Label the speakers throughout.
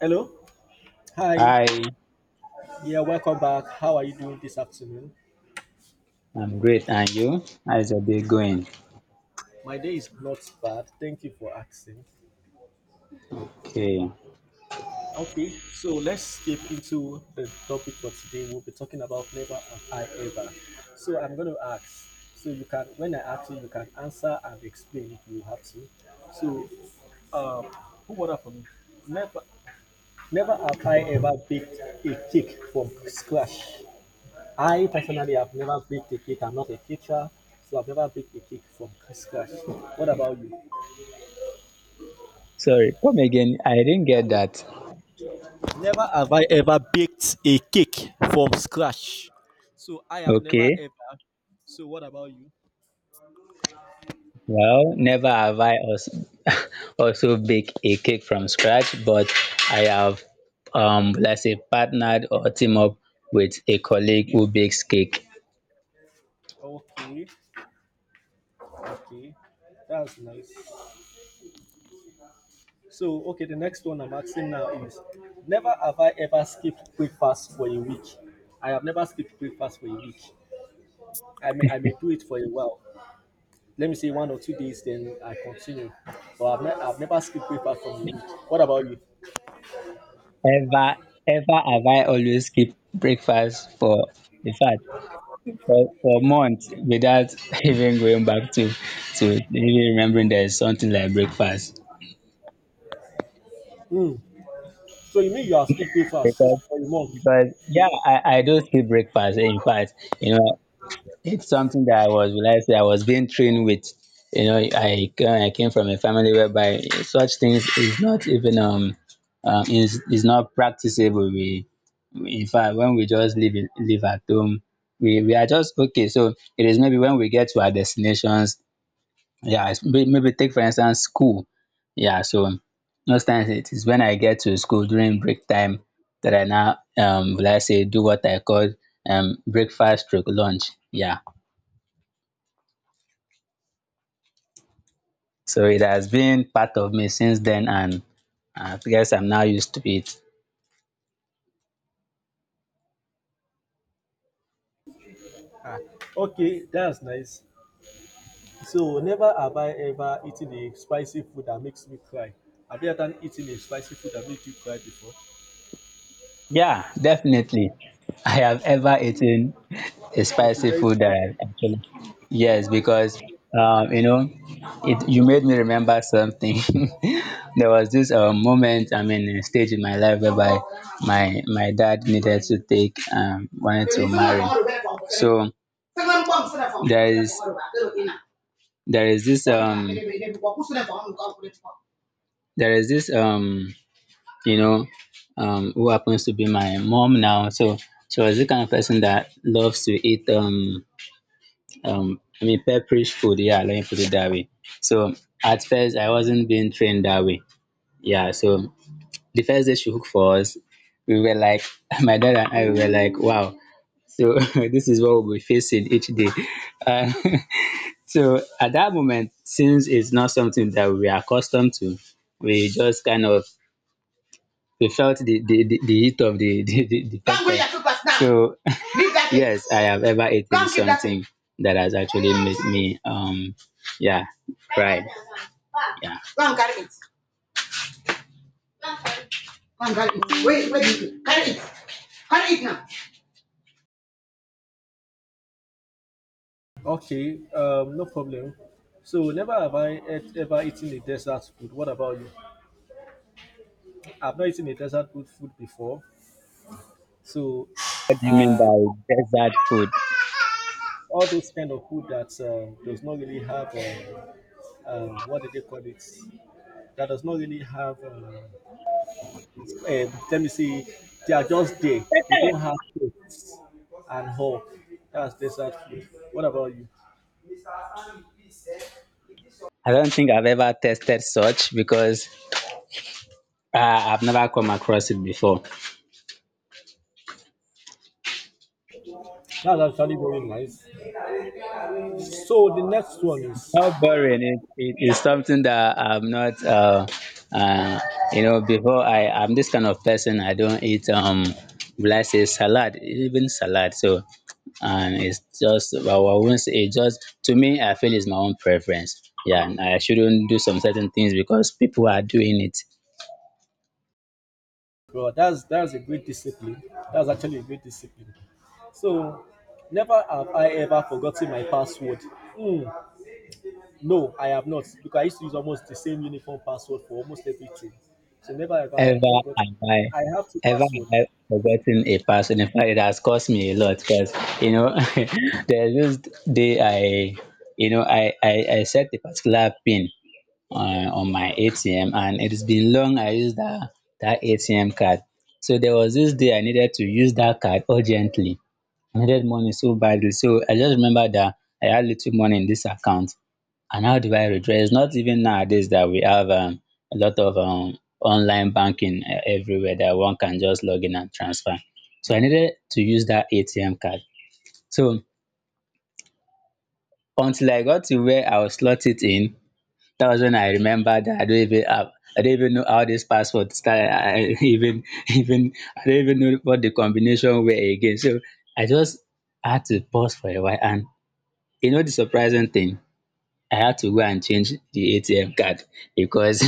Speaker 1: Hello. Hi.
Speaker 2: Hi,
Speaker 1: Yeah, welcome back. How are you doing this afternoon?
Speaker 2: I'm great. And you? How's your day going?
Speaker 1: My day is not bad. Thank you for asking.
Speaker 2: Okay.
Speaker 1: Okay, so let's skip into the topic for today. We'll be talking about never have I ever. So I'm going to ask. So you can, when I ask you, you can answer and explain if you have to. So, um, who ordered for me? Never, never have I ever baked a cake from scratch. I personally have never baked a cake. I'm not a teacher, so I've never baked a cake from scratch. What about you?
Speaker 2: Sorry, come again. I didn't get that.
Speaker 1: Never have I ever baked a cake from scratch. So I have never
Speaker 2: Okay.
Speaker 1: ever. So what about you?
Speaker 2: Well, never have I also, also baked a cake from scratch, but I have, let's say, partnered or team up with a colleague who bakes cake.
Speaker 1: Okay, okay, that's nice. So, okay, the next one I'm asking now is never have I ever skipped breakfast for a week. I have never skipped breakfast for a week. I may do it for a while. Let me say 1 or 2 days, then I continue. But I've never skipped breakfast from a week. What about you?
Speaker 2: Ever, ever have I always skipped breakfast for, in fact, for months without even going back to even remembering there's something like breakfast.
Speaker 1: Hmm. So you mean you have skipped breakfast for a month?
Speaker 2: But yeah, I do skip breakfast. In fact, you know, it's something that I was realized that I was being trained with. You know, I came from a family whereby such things is not even is not practicable. We in fact when we just live at home, we are just okay. So it is maybe when we get to our destinations yeah, it's maybe take for instance school. Yeah, so most times it is when I get to school during break time that I now will I say do what I call breakfast stroke lunch. Yeah. So it has been part of me since then and I guess I'm now used to it.
Speaker 1: Ah, okay, that's nice. So never have I ever eaten a spicy food that makes me cry. Have you ever eaten a spicy food that makes you cry before?
Speaker 2: Yeah, definitely. I have ever eaten a
Speaker 1: It must be
Speaker 2: spicy
Speaker 1: very
Speaker 2: food that
Speaker 1: spicy.
Speaker 2: I actually yes, because you know, it you made me remember something. There was this moment, I mean, a stage in my life whereby my dad needed to take wanted to marry. So there is there is this um there is this you know, who happens to be my mom now. So she was the kind of person that loves to eat, I mean, pepperish food. Yeah, let me put it that way. So at first, I wasn't being trained that way. Yeah, so the first day she cooked for us, we were like, my dad and I were like, wow. So this is what we'll be facing each day. Uh, so at that moment, since it's not something that we are accustomed to, we just kind of we felt the heat of the the Come get pepper. Your papers now. So leave that thing. Yes, I have ever eaten come give that something that has actually made me yeah cry. Yeah. Go and carry it. Go and carry it. Wait, wait. Carry it. Carry it now.
Speaker 1: Okay, no problem. So never have I ever eaten a desert food. What about you? I've not eaten a desert food before. So,
Speaker 2: You mean
Speaker 1: um,
Speaker 2: by desert food?
Speaker 1: all those kind of food that does not really have, what do they call it, that does not really have, let me see, they are just there, they don't have taste, and hope that's desert food. What about you?
Speaker 2: I don't think I've ever tested such because I've never come across it before.
Speaker 1: That's actually very nice. So the next one is,
Speaker 2: How boring it is something that I'm not uh you know before I I'm this kind of person I don't eat will I say salad even salad so and it's just well, I won't say it just to me I feel it's my own preference yeah and I shouldn't do some certain things because people are doing it.
Speaker 1: well, that's a great discipline, that's actually a great discipline. So never have I ever forgotten my password. Hmm. No, I have not because I used to use almost the same uniform password for almost everything. So never have I
Speaker 2: Ever
Speaker 1: forgotten.
Speaker 2: have I
Speaker 1: I have two
Speaker 2: ever have I
Speaker 1: passwords.
Speaker 2: forgotten a person. In fact, it has cost me a lot because you know there's this day I you know I set a particular pin on my ATM and it has been long I used that ATM card. So there was this day I needed to use that card urgently. I needed money so badly. So I just remember that I had little money in this account. And how do I withdraw? Not even nowadays that we have a lot of online banking everywhere that one can just log in and transfer. So I needed to use that ATM card. So until I got to where I will slot it in, that was when I remembered that I don't even know how this password started. I even I don't even know what the combination were again. So I just had to pause for a while. And you know the surprising thing, I had to go and change the ATM card because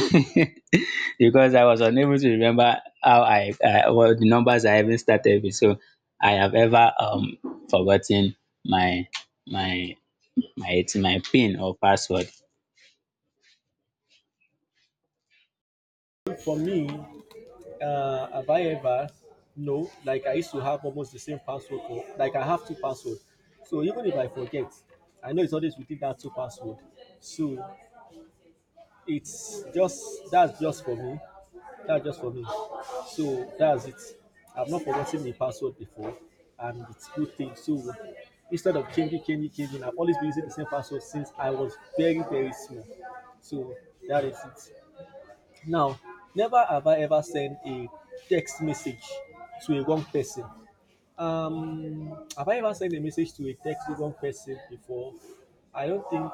Speaker 2: because I was unable to remember I what the numbers I even started with. So I have ever forgotten my my my it's my pin or password.
Speaker 1: For me, have I ever? No, like I used to have almost the same password for, like I have two passwords. So even if I forget, I know it's always within that two password. So it's just, that's just for me. That's just for me. So that's it. I've not forgotten my password before, and it's good thing. So instead of changing, changing, changing, I've always been using the same password since I was very, very small. So that is it. Now, never have I ever sent a text message to a wrong person. Have I ever sent a message to a text to wrong person before? I don't think.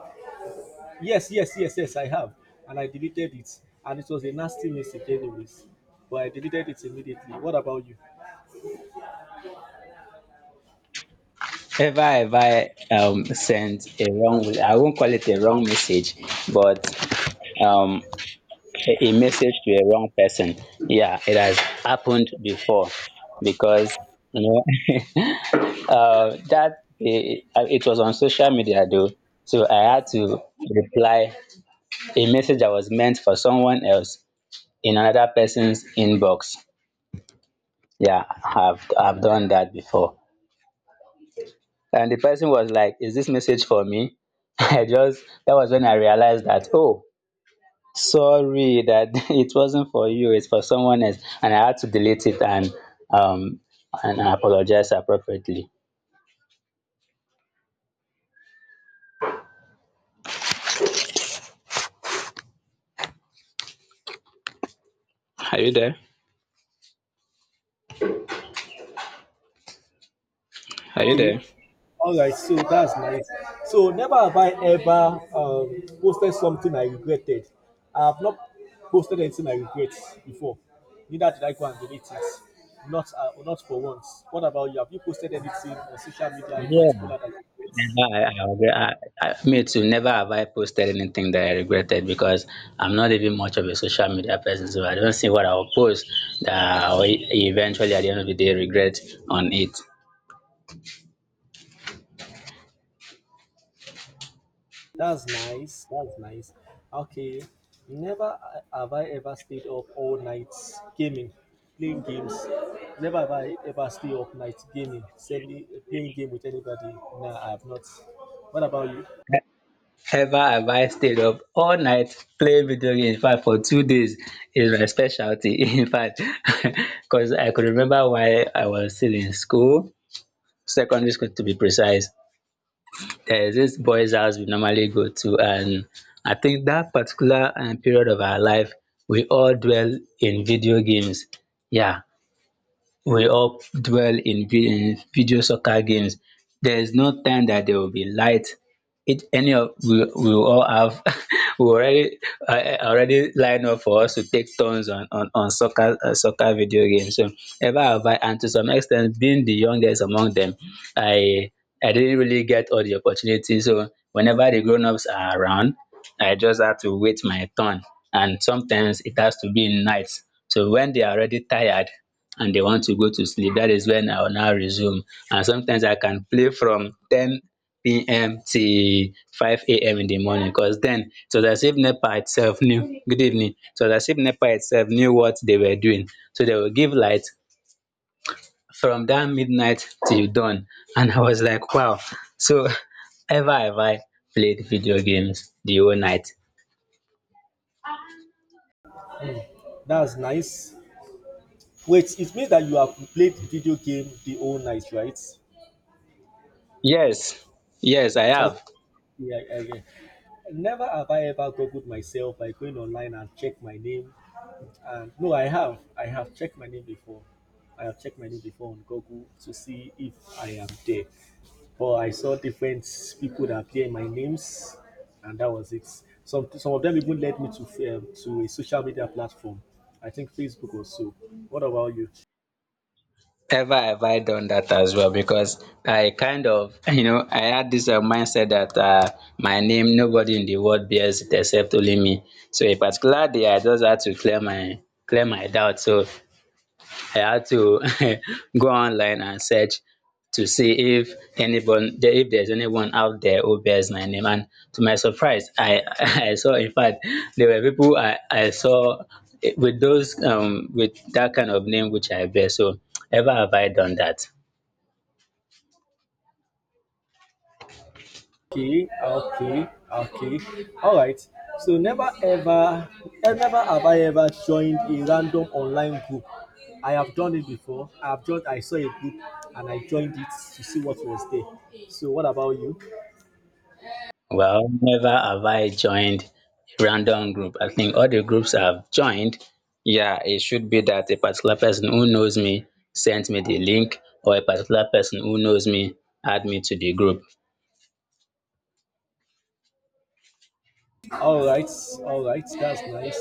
Speaker 1: Yes, yes, yes, yes, I have. And I deleted it. And it was a nasty message, anyways. But I deleted it immediately. What about you?
Speaker 2: Ever have I sent a wrong I won't call it a wrong message, but um a message to a wrong person. Yeah, it has happened before because you know uh, that it was on social media though. So I had to reply a message that was meant for someone else in another person's inbox. Yeah, I've done that before. And the person was like, is this message for me? I just that was when I realized that, oh, sorry that it wasn't for you, it's for someone else. And I had to delete it um and apologize appropriately. Are you there? Are you
Speaker 1: Okay.
Speaker 2: there?
Speaker 1: All right. So that's nice. So never have I ever, posted something I regretted. I have not posted anything I regret before. Neither did I go and delete it. Not for once. What about you? Have you posted anything on social media in
Speaker 2: Yeah.
Speaker 1: particular that you regret?
Speaker 2: Never, I, agree. I, me too. Never have I posted anything that I regretted because I'm not even much of a social media person, so I don't see what I'll post that eventually at the end of the day regret on it.
Speaker 1: That's nice. That's nice. Okay. Never have I ever stayed up all night gaming, playing games. Never have I ever stayed up night gaming, sending playing game with anybody. Nah, I have not. What about you?
Speaker 2: Ever have I stayed up all night playing video games? In fact, for two days is my specialty. In fact, because I could remember why I was still in school, secondary school to be precise. There is this boys house we normally go to and I think that particular period of our life we all dwell in video games. Yeah, we all dwell in video soccer games, there is no time that there will be light. It any of we will all have we already I already line up for us to take turns on soccer soccer video games. So ever have I and to some extent being the youngest among them, I I didn't really get all the opportunities. So whenever the grown ups are around, I just have to wait my turn. And sometimes it has to be in night. So when they are already tired, and they want to go to sleep. That is when I will now resume. And sometimes I can play from 10 p.m. till 5 a.m. in the morning because then it was as if NEPA itself knew. Good evening. It was as if NEPA itself knew what they were doing. So they will give light from that midnight till dawn. And I was like, wow. So ever have I played video games the whole night?
Speaker 1: That's nice. Wait, it means that you have played video game the whole night, right?
Speaker 2: Yes, yes, I
Speaker 1: Okay.
Speaker 2: have.
Speaker 1: Yeah, yeah, yeah. Never have I ever googled myself by going online and check my name. And no, I have. I have checked my name before. I have checked my name before on Google to see if I am there. But I saw different people that appear in my names, and that was it. Some of them even led me to, to a social media platform. I think Facebook or so. What about you?
Speaker 2: Ever have I done that as well because I kind of, you know, I had this mindset that my name, nobody in the world bears it except only me. So a particular day, I just had to clear my doubt. So I had to go online and search to see if if there's anyone out there who bears my name. And to my surprise, I saw, in fact, there were people I saw with those, with that kind of name which I bear. So ever have I done that?
Speaker 1: Okay, okay, okay. All right. So never ever, never have I ever joined a random online group. I have done it before. I have joined. I saw a group and I joined it to see what was there. So what about you?
Speaker 2: Well, never have I joined a random group. I think all the groups I've joined, yeah, it should be that a particular person who knows me sent me the link, or a particular person who knows me add me to the group.
Speaker 1: All right, all right. That's nice.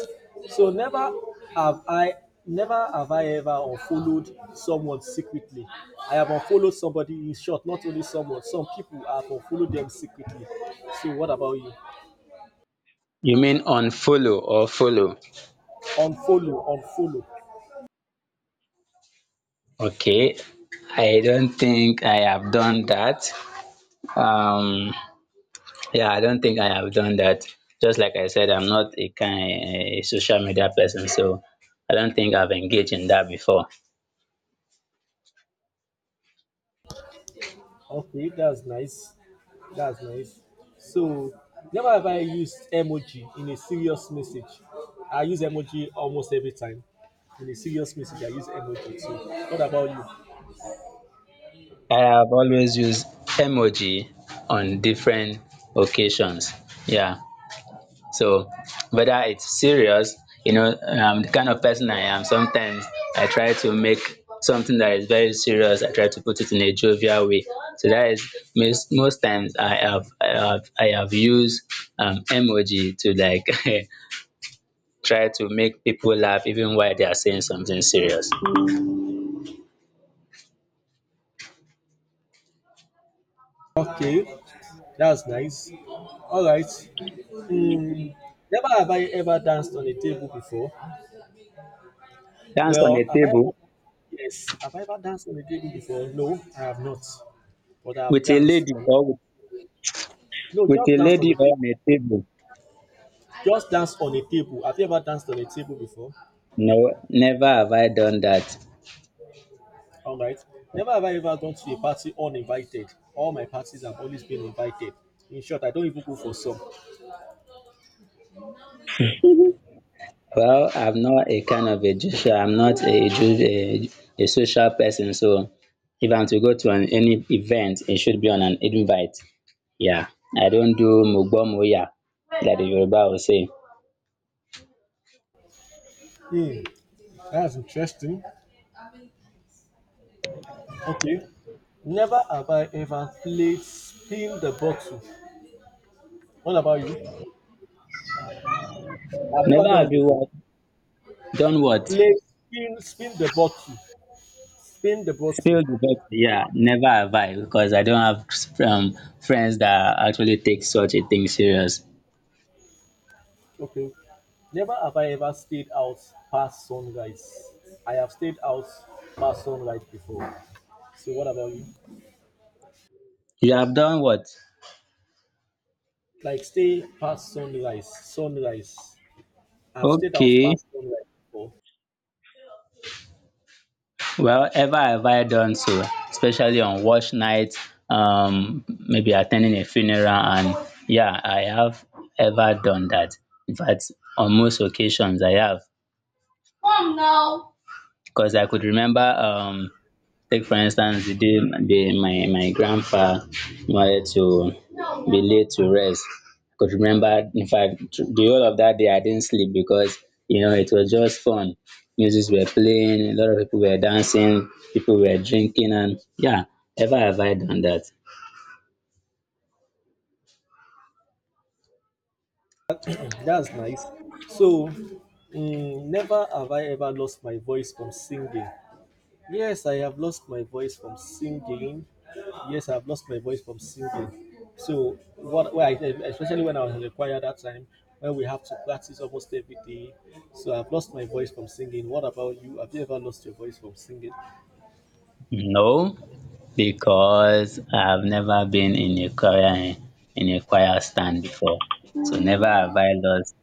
Speaker 1: So have I, never have I ever unfollowed someone secretly. I have unfollowed somebody. In short, not only someone, some people I have unfollowed them secretly. So what about you?
Speaker 2: You mean unfollow or follow?
Speaker 1: Unfollow, unfollow.
Speaker 2: Okay, I don't think I have done that. Um, yeah, I don't think I have done that. Just like I said, I'm not a kind a social media person, so I don't think I've engaged in that before.
Speaker 1: Okay, that's nice. That's nice. So never have I used emoji in a serious message. I use emoji almost every time. In a serious message, I use emoji too. What about you?
Speaker 2: I have always used emoji on different occasions. Yeah. So whether it's serious, you know, the kind of person I am, sometimes I try to make something that is very serious, I try to put it in a jovial way. So that is most times I have used emoji to like try to make people laugh even while they are saying something serious.
Speaker 1: Okay, that's nice. All right. Never have I ever danced on a table before.
Speaker 2: Dance on
Speaker 1: Well,
Speaker 2: a
Speaker 1: have I ever?
Speaker 2: table
Speaker 1: Yes, have I ever danced on a table before? No, I have not. But I have
Speaker 2: with a
Speaker 1: danced
Speaker 2: lady
Speaker 1: on.
Speaker 2: or
Speaker 1: No,
Speaker 2: with
Speaker 1: just
Speaker 2: a
Speaker 1: danced on
Speaker 2: lady
Speaker 1: a
Speaker 2: on
Speaker 1: table.
Speaker 2: a table.
Speaker 1: Just dance on a table. Have you ever danced on a table before?
Speaker 2: No, never have I done that.
Speaker 1: All right. Never have I ever gone to a party uninvited. All my parties have always been invited. In short, I don't even go for some.
Speaker 2: Well, I'm not a kind of a I'm not a, a social person. So if I'm to go to an, any event, it should be on an invite. Yeah, I don't do mugbomoya that the Yoruba will say.
Speaker 1: Hmm. That's interesting. Okay. Never have I ever played spin the bottle. What about you? I've never
Speaker 2: Never
Speaker 1: done
Speaker 2: have
Speaker 1: it
Speaker 2: you
Speaker 1: before.
Speaker 2: what, done what?
Speaker 1: Play spin the bottle. Spin the bottle.
Speaker 2: Spilled? The best. Yeah, never have I because I don't have friends that actually take such a thing serious.
Speaker 1: Okay. Never have I ever stayed out past sunrise. I have stayed out past sunrise before. So what about you?
Speaker 2: You have done what?
Speaker 1: Like stay past sunrise. Sunrise. I've stayed out
Speaker 2: Okay.
Speaker 1: past sunrise before.
Speaker 2: Well, ever have I done so, especially on wash nights, maybe attending a funeral, and yeah, I have ever done that. In fact, on most occasions, I have. Come now. Because I could remember take for instance the day the my grandpa wanted to be laid to rest. I could remember, in fact, the whole of that day I didn't sleep because you know it was just fun. Musics were playing, a lot of people were dancing, people were drinking, and yeah, ever have I done that?
Speaker 1: That's nice. So never have I ever lost my voice from singing. Yes, I have lost my voice from singing. Yes, I've lost my voice from singing. So what, where I, especially when I was in the choir that time, when we have to practice almost every day. So I've lost my voice from singing. What about you? Have you ever lost your voice from singing?
Speaker 2: No, because I've never been in a choir stand before. So never have I lost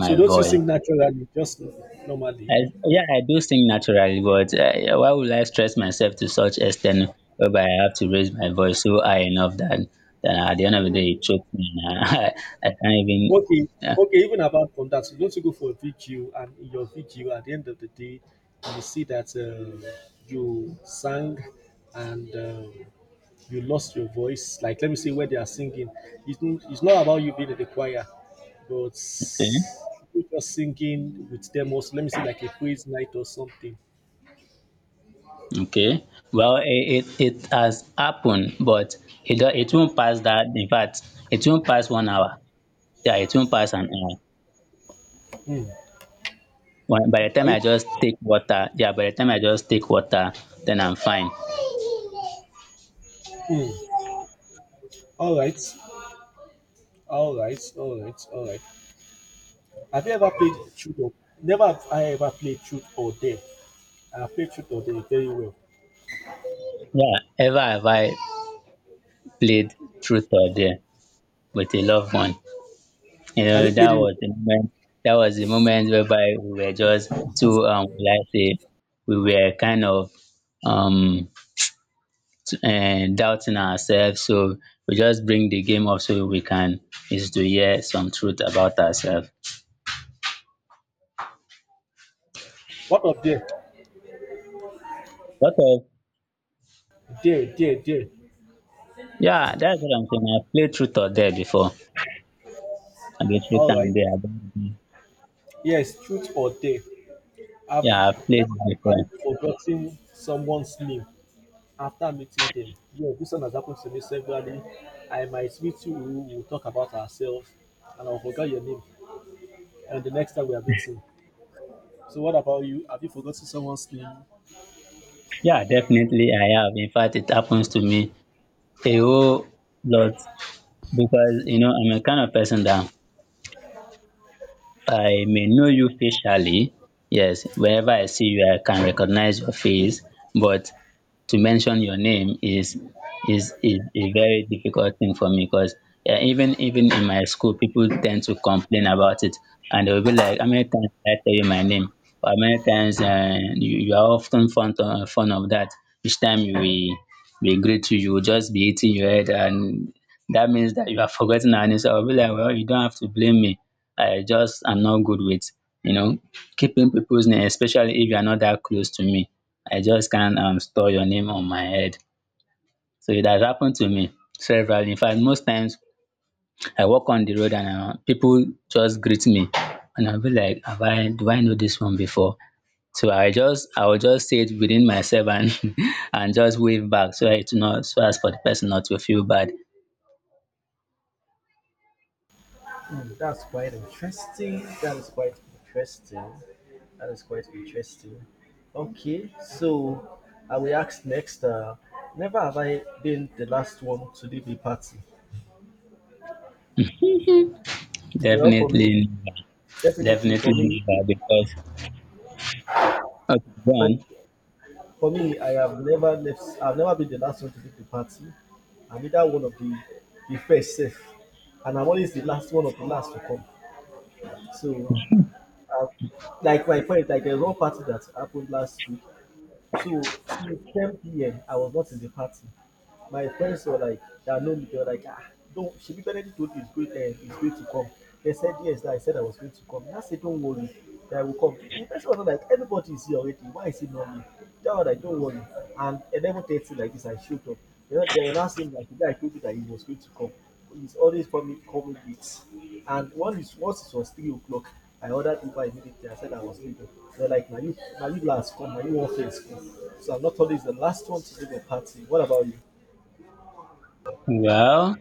Speaker 1: So don't you
Speaker 2: voice.
Speaker 1: sing naturally, just normally?
Speaker 2: I yeah, I do sing naturally, but why would I stress myself to such extent whereby I have to raise my voice so high enough that at the end of the day it chokes me and I, I can't even.
Speaker 1: Okay,
Speaker 2: Yeah.
Speaker 1: okay, even about from that, you don't go for a video? And in your video, at the end of the day, you see that, you sang, and, you lost your voice. Like, let me say where they are singing. It's not about you being in the choir, but
Speaker 2: Okay.
Speaker 1: you just singing with them also. Let me say like a praise night or something.
Speaker 2: Okay. Well, it has happened, but it won't pass that. In fact, it won't pass 1 hour. Yeah, it won't pass an hour.
Speaker 1: Hmm.
Speaker 2: By the time
Speaker 1: Are you?
Speaker 2: I just take water, yeah, by the time I just take water, then I'm fine.
Speaker 1: Hmm. All right, all right, all right, all right. Have you ever played truth or never? Have I ever played truth or dare? And I played truth or there very well.
Speaker 2: Yeah, ever have I played truth or dare? With a loved one. You
Speaker 1: Have
Speaker 2: know,
Speaker 1: you
Speaker 2: that
Speaker 1: played it
Speaker 2: was
Speaker 1: before?
Speaker 2: the moment that was the moment whereby we were just too like say we were kind of um doubting ourselves. So we just bring the game up so we can is to hear some truth about ourselves.
Speaker 1: What of there?
Speaker 2: But of
Speaker 1: There, there, there.
Speaker 2: yeah, that's what I'm saying. I've played truth or dare before. I've been truth
Speaker 1: All
Speaker 2: and
Speaker 1: right.
Speaker 2: dare. I don't know.
Speaker 1: Yes, truth or dare. I've
Speaker 2: Yeah, I've played
Speaker 1: never
Speaker 2: it before.
Speaker 1: have forgotten someone's name after meeting them. Yeah, this one has happened to me severally. I might meet you, we will talk about ourselves, and I'll forget your name. And the next time we are meeting. So, what about you? Have you forgotten someone's name?
Speaker 2: Yeah, definitely I have. In fact, it happens to me a whole lot. Because you know I'm a kind of person that I may know you facially. Yes, wherever I see you, I can recognize your face. But to mention your name is a very difficult thing for me because yeah, even in my school, people tend to complain about it, and they'll be like, "How many times did I tell you my name? Or how many times you are often fond fond of that? Each time we greet you, you will just be hitting your head, and that means that you are forgetting our name." So I'll be like, "Well, you don't have to blame me." I just am not good with, you know, keeping people's name, especially if you are not that close to me. I just can't store your name on my head. So it has happened to me several. In fact, most times I walk on the road and people just greet me, and I'll be like, "Have I? Do I know this one before?" So I will just say it within myself and and just wave back so it not so as for the person not to feel bad.
Speaker 1: Hmm, that's quite interesting. That is quite interesting. That is quite interesting. Okay, so I will ask next. Never have I been the last one to leave a party. Well, for me,
Speaker 2: Definitely, never.
Speaker 1: definitely for
Speaker 2: Definitely
Speaker 1: me,
Speaker 2: never because okay, go
Speaker 1: for me,
Speaker 2: on.
Speaker 1: I have never left. I've never been the last one to leave the party. I'm either one of the first safe, and I'm always the last one of the last to come. So, uh, like my friend, like there's one party that happened last week. So since 10 p.m., I was not in the party. My friends were like, that know me, they were like, ah, don't shebi Benedict told you it's going, it's going to come. They said yes that I said I was going to come, and I said don't worry that I will come. The person was not like, everybody is here already, why is it not me. They were like, don't worry. And 11:30 like this, I showed up. They were now saying like, the guy told you that he was going to come, he's always coming late. And one is once it was 3 o'clock, I ordered Uber immediately. I said I was leaving. They are like, now you, now you last come. Now you want first come. So I'm not always the last one to leave the party. What about you?
Speaker 2: Well,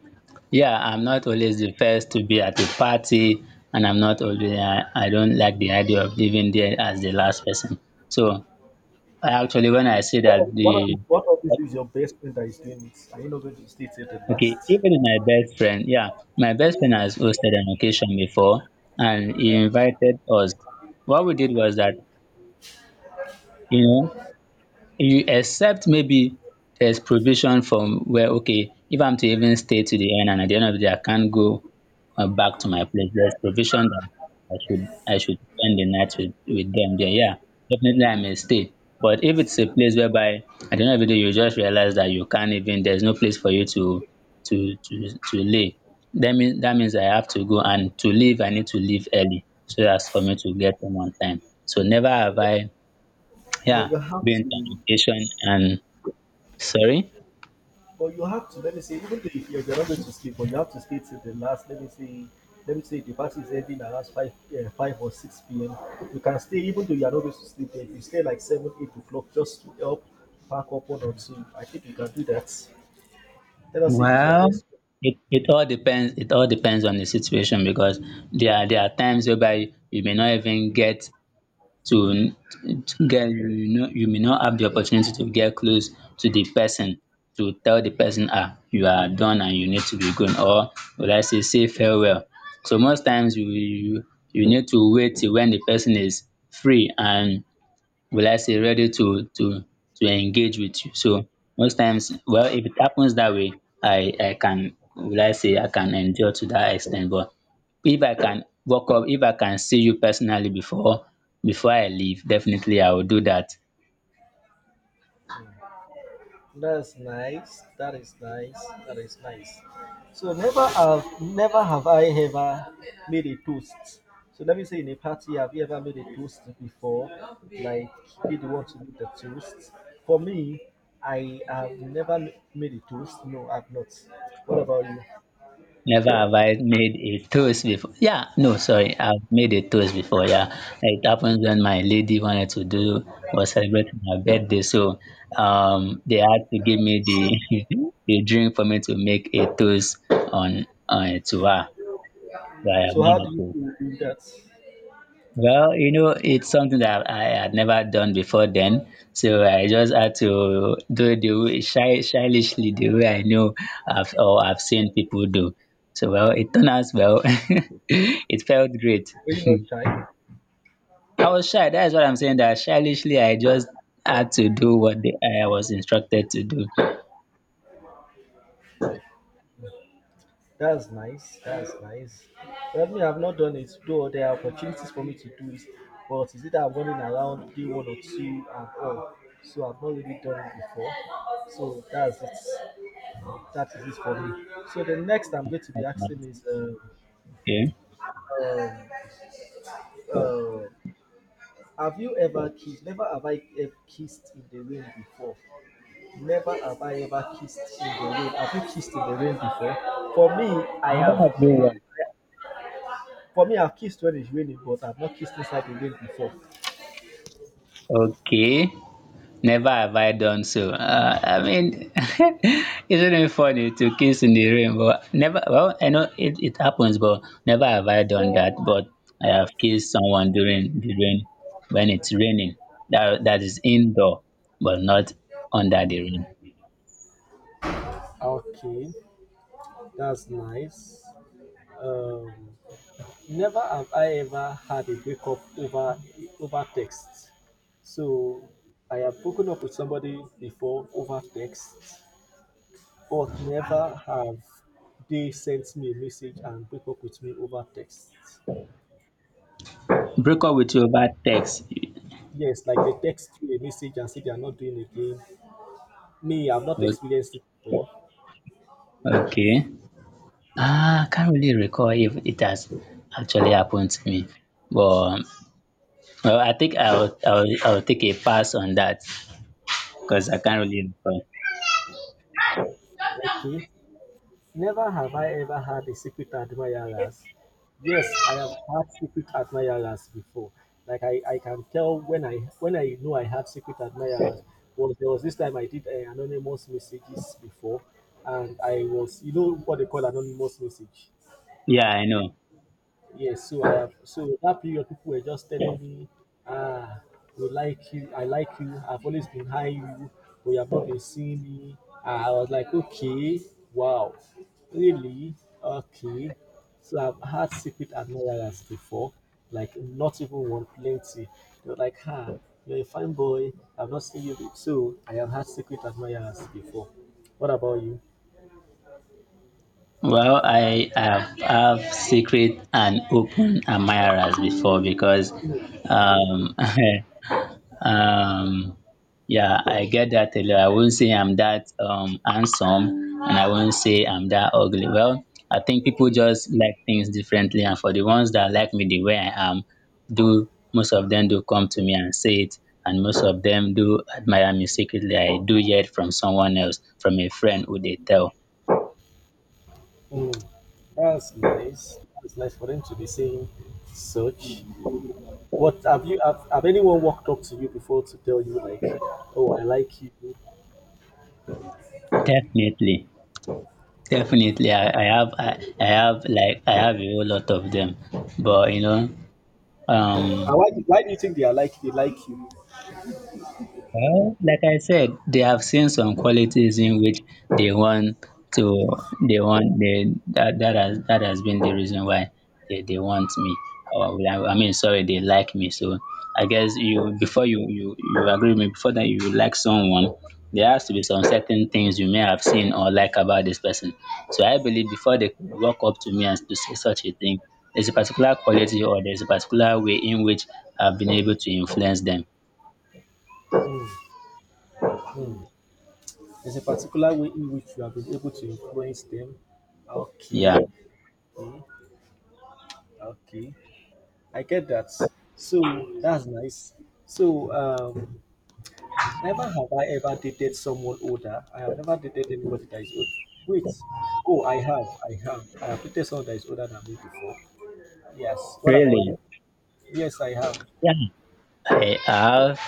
Speaker 2: yeah, I'm not always the first to be at a party, and I'm not always, I don't like the idea of living there as the last person. So, I actually, when I see
Speaker 1: What
Speaker 2: that
Speaker 1: of, what
Speaker 2: the,
Speaker 1: of, what of this is your best friend that is doing it? Are you not going to stay till the
Speaker 2: okay,
Speaker 1: last?
Speaker 2: even my best friend, yeah, my best friend has hosted an occasion before, and he invited us. What we did was that, you know, you accept maybe there's provision from where okay if I'm to even stay to the end and at the end of the day I can't go back to my place. There's provision that I should spend the night with them there. Yeah, definitely I may stay, but if it's a place whereby at the end of the day you just realize that you can't even there's no place for you to to lay. That means that means I have to go and to leave. I need to leave early so as for me to get home on time, so never have I, yeah,
Speaker 1: But you have
Speaker 2: being
Speaker 1: to,
Speaker 2: communication and sorry.
Speaker 1: but you have to, let me say, even though if you're not going to sleep, but you have to stay till the last. Let me say, let me say the party is ending around 5, 5 or 6 p.m. You can stay, even though you're not going to sleep, if you stay like 7, 8 o'clock just to help pack up one or two, I think you can do that. Let us see if it's your
Speaker 2: Well,
Speaker 1: best.
Speaker 2: it all depends. It all depends on the situation because there are times whereby you may not even get to get, you know, you may not have the opportunity to get close to the person to tell the person ah you are done and you need to be going or would I say say farewell. So most times you need to wait till when the person is free and will I say, ready to engage with you. So most times, well, if it happens that way, I can will I say I can endure to that extent. But if I can walk up, if I can see you personally before I leave, definitely I will do that.
Speaker 1: That's nice. That is nice. That is nice. So never have I ever made a toast. So let me say, in a party, have you ever made a toast before? Like, did you want to make the toast? For me, I have never made a toast. No, I've not. What about you?
Speaker 2: Never have I made a toast before. Yeah, no, sorry. I've made a toast before. Yeah, like, it happened when my lady wanted to do was celebrating her birthday, so they had to give me the the drink for me to make a toast on to her. So I have
Speaker 1: So how
Speaker 2: made
Speaker 1: do
Speaker 2: a
Speaker 1: you
Speaker 2: toast.
Speaker 1: feel doing that?
Speaker 2: Well, you know, it's something that I had never done before then, so I just had to do the way shylessly the way I know I've or I've seen people do. So well, it turned out well. It felt great.
Speaker 1: Were you not shy?
Speaker 2: I was shy. That's what I'm saying. That shylessly, I just had to do what the, I was instructed to do.
Speaker 1: That's nice. That's nice. Let me, I've not done it, though there are opportunities for me to do it. But is it that I'm running around day one or two and all? So I've not really done it before. So that's it. That is it for me. So the next I'm going to be asking is,
Speaker 2: Okay.
Speaker 1: um, uh, have you ever kissed? Never have I ever kissed in the rain before. Never have I ever kissed in the rain. Have you kissed in the rain before? For me, I
Speaker 2: Never had
Speaker 1: have.
Speaker 2: no
Speaker 1: For me, I've kissed when it's raining, but I've not kissed inside the rain before.
Speaker 2: one. Okay. Never have I done so. I mean, isn't it funny to kiss in the rain? But never, well, I know it, it happens, but never have I done that. But I have kissed someone during the rain when it's raining. That is indoor, but not under the rain.
Speaker 1: Okay, that's nice. Um, never have I ever had a breakup over text. So I have broken up with somebody before over text, but never have they sent me a message and break up with me over text.
Speaker 2: Break up with you over text.
Speaker 1: Yes, like they text you a message and say they are not doing again. Me, I've not
Speaker 2: O-
Speaker 1: experienced it before.
Speaker 2: Okay. Ah, I can't really recall if it has actually happened to me. But well, I think I'll take a pass on that, because I can't really recall.
Speaker 1: Okay. Never have I ever had a secret admirers. Yes, I have had secret admirers before. Like, I can tell when I know I have secret admirers. Was there was this time I did anonymous messages before, and I was you know what they call anonymous message.
Speaker 2: Yeah, I know.
Speaker 1: Yes, so I have, so that period people were just telling me, ah, we like you, I like you, I've always been high you, but you have not been seeing me. Ah, I was like, okay, wow, really, okay. So I've had secret admirers before, like not even one, plenty. They're like, ah, you're a fine boy, I've not seen you. Be-" So I have had secret admirers before. What about you?
Speaker 2: Well, I have secret and open admirers before because um um yeah, I get that a lot. I won't say I'm that handsome and I won't say I'm that ugly. Well, I think people just like things differently, and for the ones that like me the way I am, do most of them do come to me and say it, and most of them do admire me secretly. I do hear it from someone else, from a friend who they tell.
Speaker 1: Mm, that's nice. That's nice for them to be saying such. What, have you have anyone walked up to you before to tell you like, oh, I like you? And
Speaker 2: Definitely. Definitely. I have like I have a whole lot of them. But you know, um
Speaker 1: why do you think they are like they like you?
Speaker 2: well, like I said, they have seen some qualities in which they want to, they want, they, that, that has been the reason why they want me. Or, I mean, sorry, they like me. So I guess you, you agree with me, before that you like someone, there has to be some certain things you may have seen or like about this person. So I believe before they could walk up to me and to say such a thing, there's a particular quality or there's a particular way in which I've been able to influence them.
Speaker 1: Mm, mm. There's a particular way in which you have been able to influence them.
Speaker 2: Yeah.
Speaker 1: Okay, okay, okay. I get that. So that's nice. So never have I ever dated someone older. I have never dated anybody that is old. Wait. Oh, I have. I have. I have dated someone that is older than me before. Yes. What about
Speaker 2: Really?
Speaker 1: you? Yes, I have.
Speaker 2: Yeah, I have,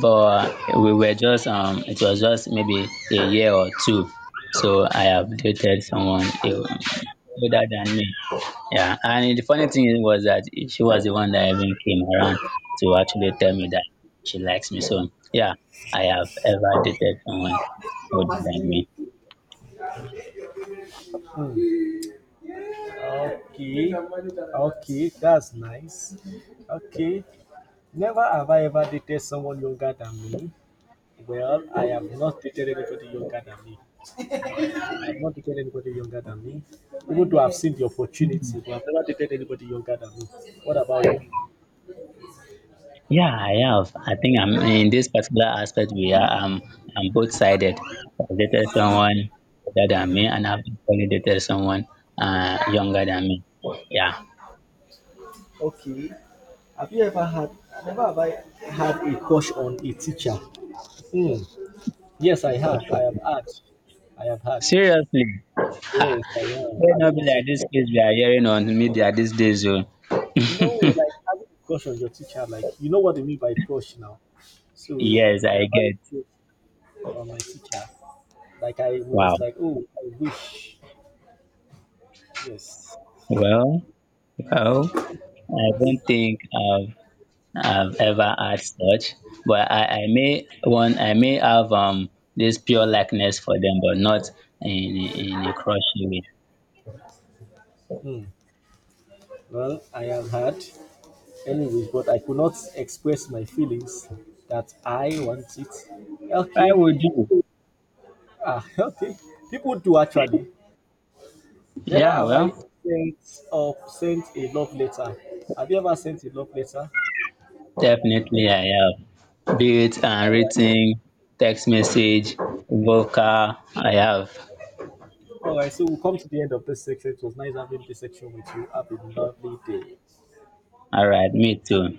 Speaker 2: but we were just it was just maybe a year or two. So I have dated someone eh, older than me. Yeah, and the funny thing was that she was the one that even came around to actually tell me that she likes me. So yeah, I have ever dated someone older than me.
Speaker 1: Hmm. Okay. Okay. That's nice. Okay. Never have I ever dated someone younger than me. Well, I have not dated anybody younger than me. I've not dated anybody younger than me. Even though I've seen the opportunity, but I've never dated anybody younger than me. What about you?
Speaker 2: Yeah, I have. I think I'm in this particular aspect we are I'm both sided. I dated someone older than me and I've only dated someone younger than me. Yeah.
Speaker 1: Okay. Have you ever had? Never have I had a crush on a teacher. Hmm. Yes, I
Speaker 2: But
Speaker 1: have. I have had. I have had.
Speaker 2: seriously, ha
Speaker 1: Yes, I have.
Speaker 2: may
Speaker 1: I
Speaker 2: not
Speaker 1: don't
Speaker 2: be
Speaker 1: need to.
Speaker 2: like this case we are hearing on media these days. Oh.
Speaker 1: No, like having a crush on your teacher, like you know what I mean by crush now. So
Speaker 2: Yes,
Speaker 1: I
Speaker 2: I
Speaker 1: have had
Speaker 2: get.
Speaker 1: a crush on my teacher. Like I was
Speaker 2: Wow.
Speaker 1: like, oh, I wish. Yes.
Speaker 2: Well, well, I don't think I've ever had such, but I may have this pure likeness for them, but not in a crushing way.
Speaker 1: Hmm. Well, I have had anyways, but I could not express my feelings that I want it.
Speaker 2: I
Speaker 1: Okay,
Speaker 2: would do.
Speaker 1: ah, okay. People do actually. Never
Speaker 2: Yeah,
Speaker 1: have I
Speaker 2: well,
Speaker 1: sent or sent a love letter. Have you ever sent a love letter?
Speaker 2: definitely I have. Be it
Speaker 1: All right.
Speaker 2: written, text message, vocal, I have.
Speaker 1: All right. So we'll come to the end of this section. It was nice having this section with you. Have a lovely day.
Speaker 2: All right, me too.